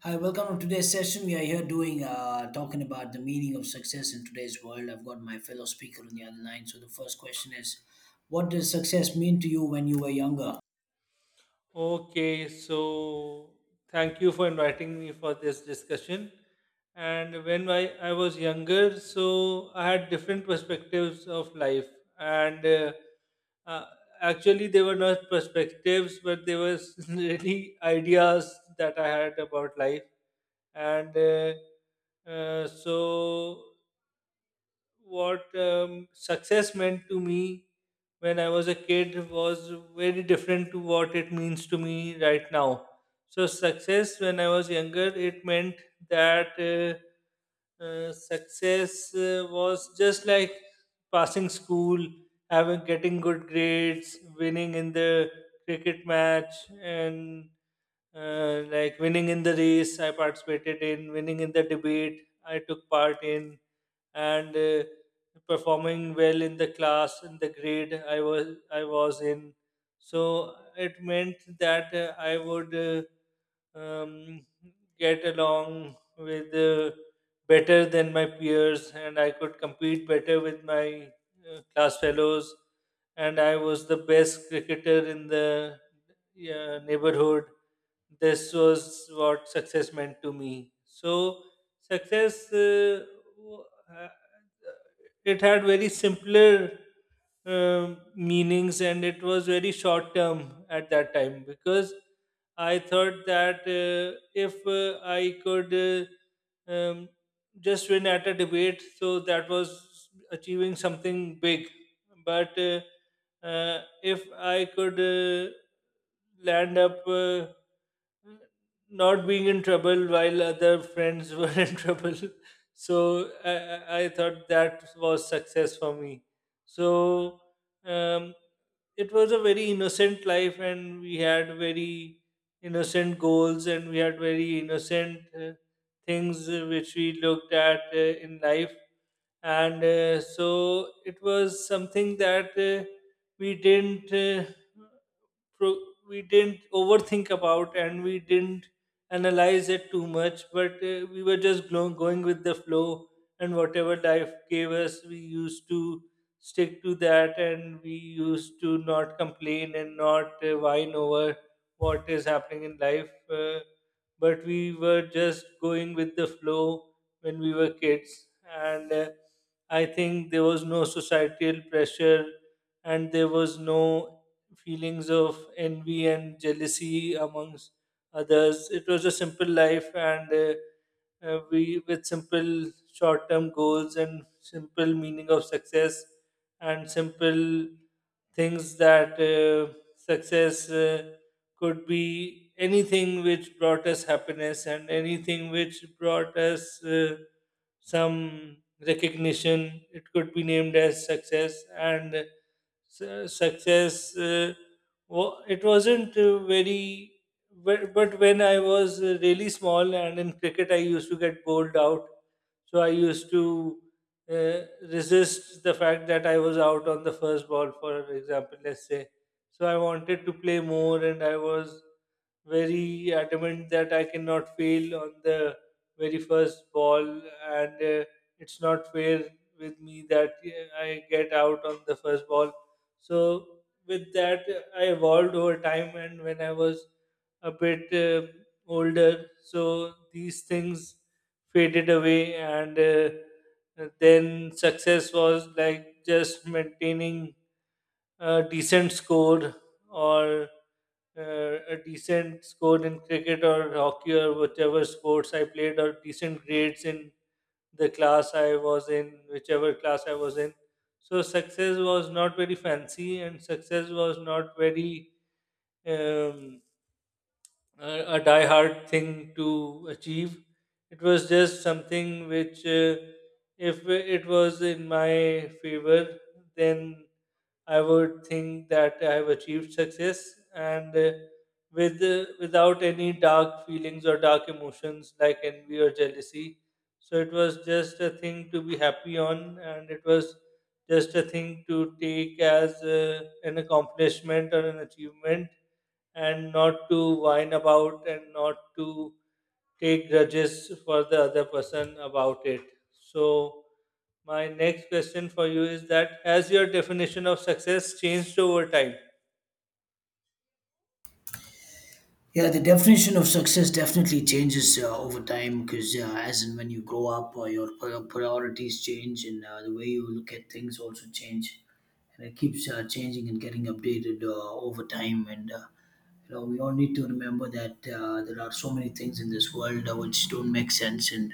Hi, welcome to today's session. We are here doing talking about the meaning of success in today's world. I've got my fellow speaker on the other line. So the first question is, what does success mean to you when you were younger? Okay, so thank you for inviting me for this discussion. And when I was younger, so I had different perspectives of life. And uh, actually, they were not perspectives, but they were really ideas that I had about life. And so what success meant to me when I was a kid was very different to what it means to me right now. So success when I was younger, it meant that success was just like passing school, having getting good grades, winning in the cricket match, and like winning in the race I participated in, winning in the debate I took part in and performing well in the class in the grade I was in. So it meant that I would um, get along with better than my peers, and I could compete better with my class fellows, and I was the best cricketer in the, yeah, neighborhood. This was what success meant to me. So success w- it had very simpler um meanings, and it was very short term at that time because I thought that if I could just win at a debate, so that was achieving something big. But if I could land up not being in trouble while other friends were in trouble. So I thought that was success for me. So um, it was a very innocent life, and we had very innocent goals, and we had very innocent things which we looked at in life. And so it was something that we didn't. Pro- we didn't overthink about, and we didn't analyze it too much, but we were just going with the flow, and whatever life gave us, we used to stick to that, and we used to not complain and not whine over what is happening in life, but we were just going with the flow when we were kids. And I think there was no societal pressure, and there was no feelings of envy and jealousy amongst others. It was a simple life, and we with simple short-term goals and simple meaning of success and simple things that success could be anything which brought us happiness and anything which brought us. Some recognition. It could be named as success, and success it wasn't very. But when I was really small and in cricket, I used to get bowled out. So I used to uh, resist the fact that I was out on the first ball, for example, let's say. So I wanted to play more, and I was very adamant that I cannot fail on the very first ball, and it's not fair with me that I get out on the first ball. So, with that, I evolved over time, and when I was a bit older, so these things faded away, and then success was like just maintaining a decent score or a decent score in cricket or hockey or whichever sports I played, or decent grades in the class I was in, whichever class I was in. So success was not very fancy, and success was not very um, a die-hard thing to achieve. It was just something which, if it was in my favor, then I would think that I have achieved success, and without any dark feelings or dark emotions like envy or jealousy. So it was just a thing to be happy on, and it was just a thing to take as an accomplishment or an achievement, and not to whine about and not to take grudges for the other person about it. So my next question for you is that has your definition of success changed over time? Yeah, the definition of success definitely changes over time because as and when you grow up, your priorities change and the way you look at things also change. And it keeps changing and getting updated over time. And, you know, we all need to remember that there are so many things in this world which don't make sense. And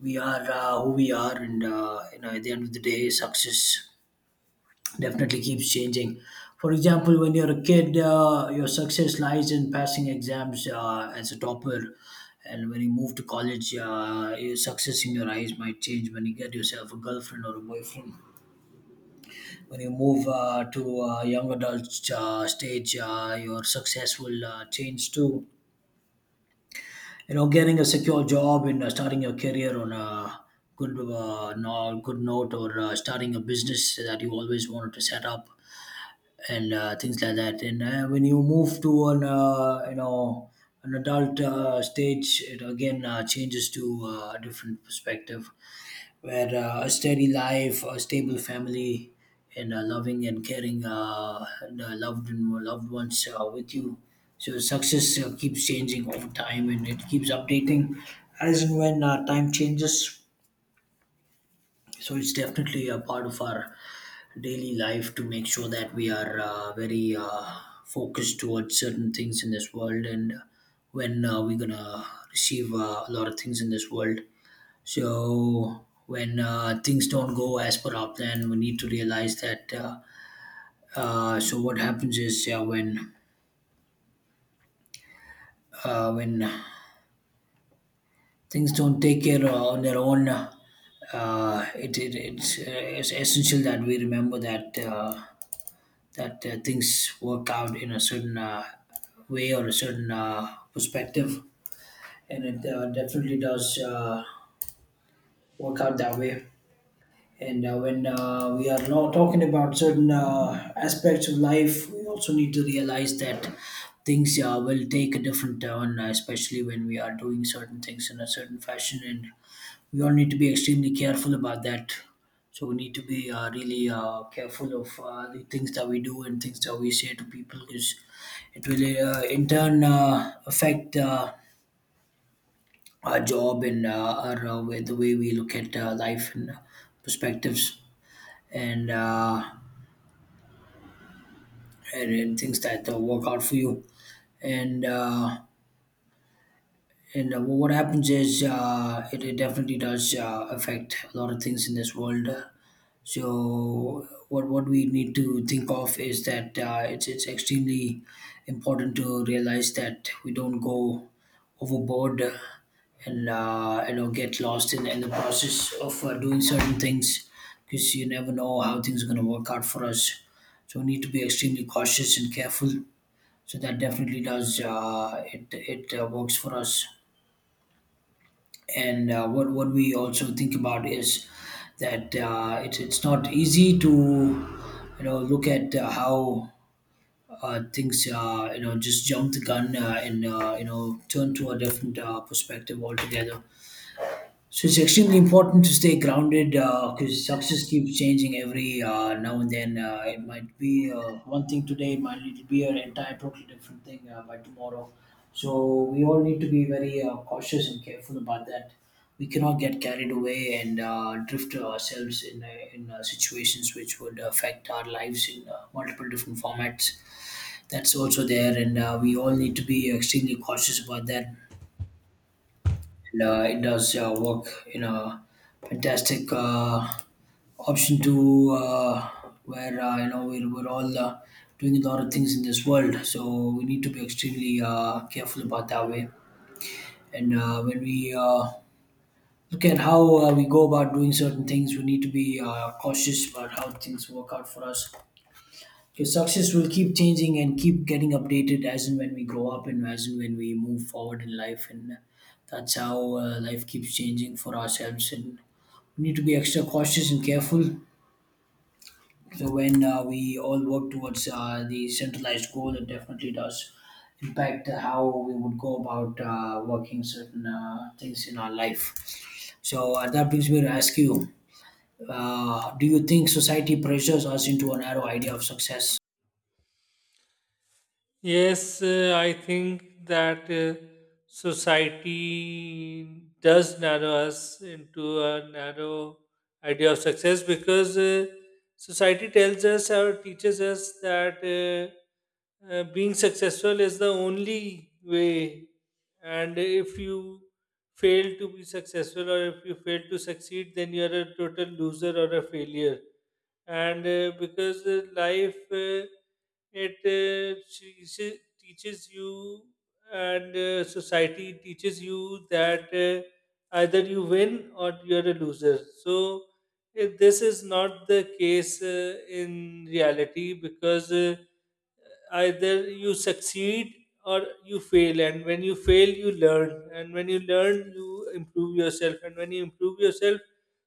we are who we are. And, you know, at the end of the day, success definitely keeps changing. For example, when you're a kid, your success lies in passing exams as a topper. And when you move to college, your success in your eyes might change when you get yourself a girlfriend or a boyfriend. When you move to young adult stage, your success will change too. You know, getting a secure job and starting your career on a good, no, good note or starting a business that you always wanted to set up and things like that. And when you move to an you know an adult stage, it again changes to a different perspective, where a steady life, a stable family, and loving and caring loved and loved ones with you. So success keeps changing over time, and it keeps updating as and when time changes. So it's definitely a part of our daily life to make sure that we are very focused towards certain things in this world and when we're gonna receive a lot of things in this world. So when things don't go as per our plan, we need to realize that. So what happens is when uh, when things don't take care on their own. It's essential that we remember that things work out in a certain way or a certain perspective, and it definitely does work out that way. And when we are not talking about certain aspects of life, we also need to realize that things will take a different turn, especially when we are doing certain things in a certain fashion and we all need to be extremely careful about that. So we need to be really careful of the things that we do and things that we say to people because it will in turn affect our job and our the way we look at life and perspectives and, and things that work out for you and what happens is it definitely does affect a lot of things in this world. So what we need to think of is that it's extremely important to realize that we don't go overboard and you know get lost in the process of doing certain things because you never know how things are going to work out for us. So we need to be extremely cautious and careful. So that definitely does it it works for us and what we also think about is that it's not easy to you know look at how things you know just jump the gun and you know turn to a different perspective altogether. So it's extremely important to stay grounded because success keeps changing every now and then. It might be one thing today, it might need to be an entire totally different thing by tomorrow. So we all need to be very cautious and careful about that. We cannot get carried away and drift ourselves in situations which would affect our lives in multiple different formats. That's also there, and we all need to be extremely cautious about that and it does work in a fantastic option to where you know we're all doing a lot of things in this world, so we need to be extremely careful about that way and when we look at how we go about doing certain things, we need to be cautious about how things work out for us. Your success will keep changing and keep getting updated as and when we grow up and as and when we move forward in life. And that's how life keeps changing for ourselves. And we need to be extra cautious and careful. So when we all work towards the centralized goal, it definitely does impact how we would go about working certain things in our life. So that brings me to ask you, do you think society pressures us into a narrow idea of success? Yes, I think that society does narrow us into a narrow idea of success because society tells us or teaches us that being successful is the only way, and if you fail to be successful, or if you fail to succeed, then you are a total loser or a failure. And because life it teaches you, and society teaches you that either you win or you're a loser. So if this is not the case in reality, because either you succeed or you fail, and when you fail you learn, and when you learn you improve yourself, and when you improve yourself,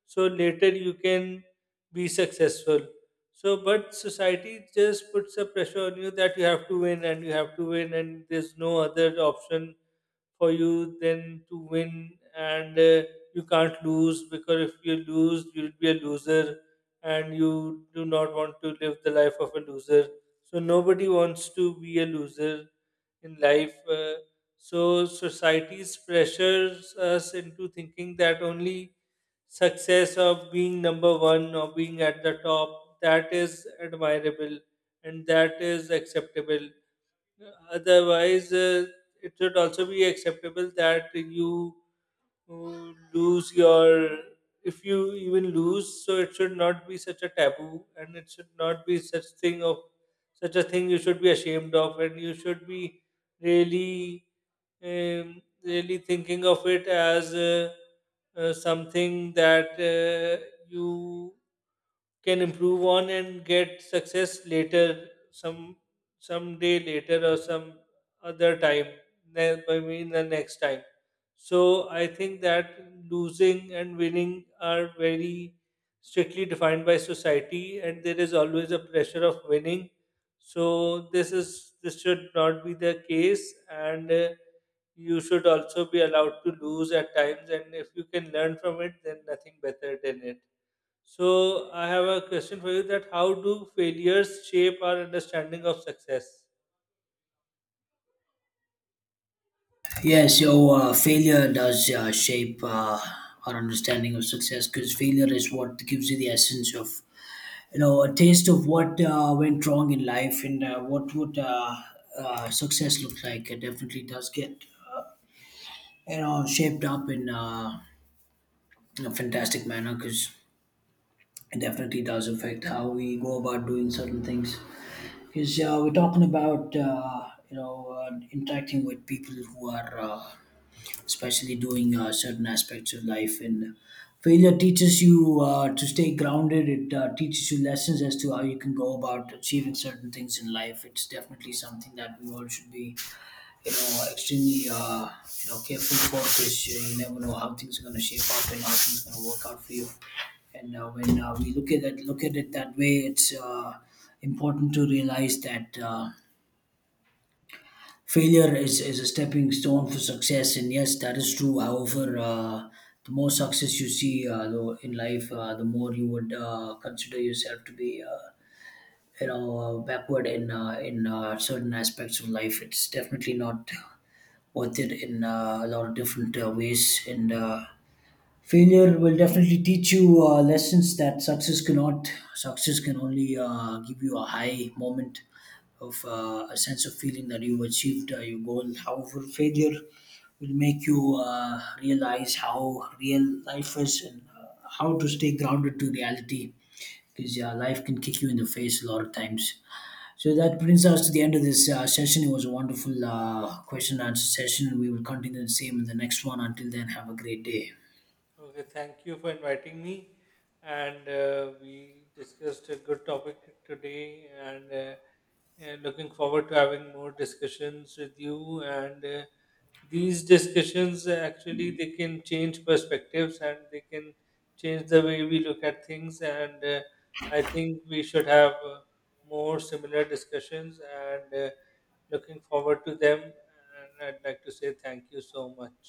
so later you can be successful. So but society just puts a pressure on you that you have to win and you have to win, and there's no other option for you than to win, and you can't lose, because if you lose, you'll be a loser, and you do not want to live the life of a loser. So nobody wants to be a loser in life. So society's pressures us into thinking that only success of being number one or being at the top, that is admirable and that is acceptable. Otherwise, it should also be acceptable that you lose your. If you even lose, so it should not be such a taboo, and it should not be such a thing you should be ashamed of, and you should be really, really thinking of it as something that you can improve on and get success later, some day later or some other time, I mean the next time. So I think that losing and winning are very strictly defined by society, and there is always a pressure of winning. So this should not be the case, and you should also be allowed to lose at times. And if you can learn from it, then nothing better than it. So I have a question for you: that how do failures shape our understanding of success? Yeah, so failure does shape our understanding of success because failure is what gives you the essence of, you know, a taste of what went wrong in life and what would success look like. It definitely does get, you know, shaped up in a fantastic manner because it definitely does affect how we go about doing certain things. Because we're talking about, you know, interacting with people who are. Especially doing certain aspects of life. And failure teaches you to stay grounded. It teaches you lessons as to how you can go about achieving certain things in life. It's definitely something that we all should be, you know, extremely, you know, careful for because you never know how things are going to shape up and how things are going to work out for you. And when we look at it that way, it's important to realize that. Failure is a stepping stone for success, and yes, that is true. However, the more success you see though in life, the more you would consider yourself to be, you know, backward in certain aspects of life. It's definitely not worth it in a lot of different ways, and failure will definitely teach you lessons that success cannot. Success can only give you a high moment of a sense of feeling that you've achieved your goal. However, failure will make you realize how real life is and how to stay grounded to reality because life can kick you in the face a lot of times. So that brings us to the end of this session. It was a wonderful question and answer session. And we will continue the same in the next one. Until then, have a great day. Okay, thank you for inviting me. And we discussed a good topic today, and looking forward to having more discussions with you. And these discussions, actually, they can change perspectives, and they can change the way we look at things. And I think we should have more similar discussions, and looking forward to them, and I'd like to say thank you so much.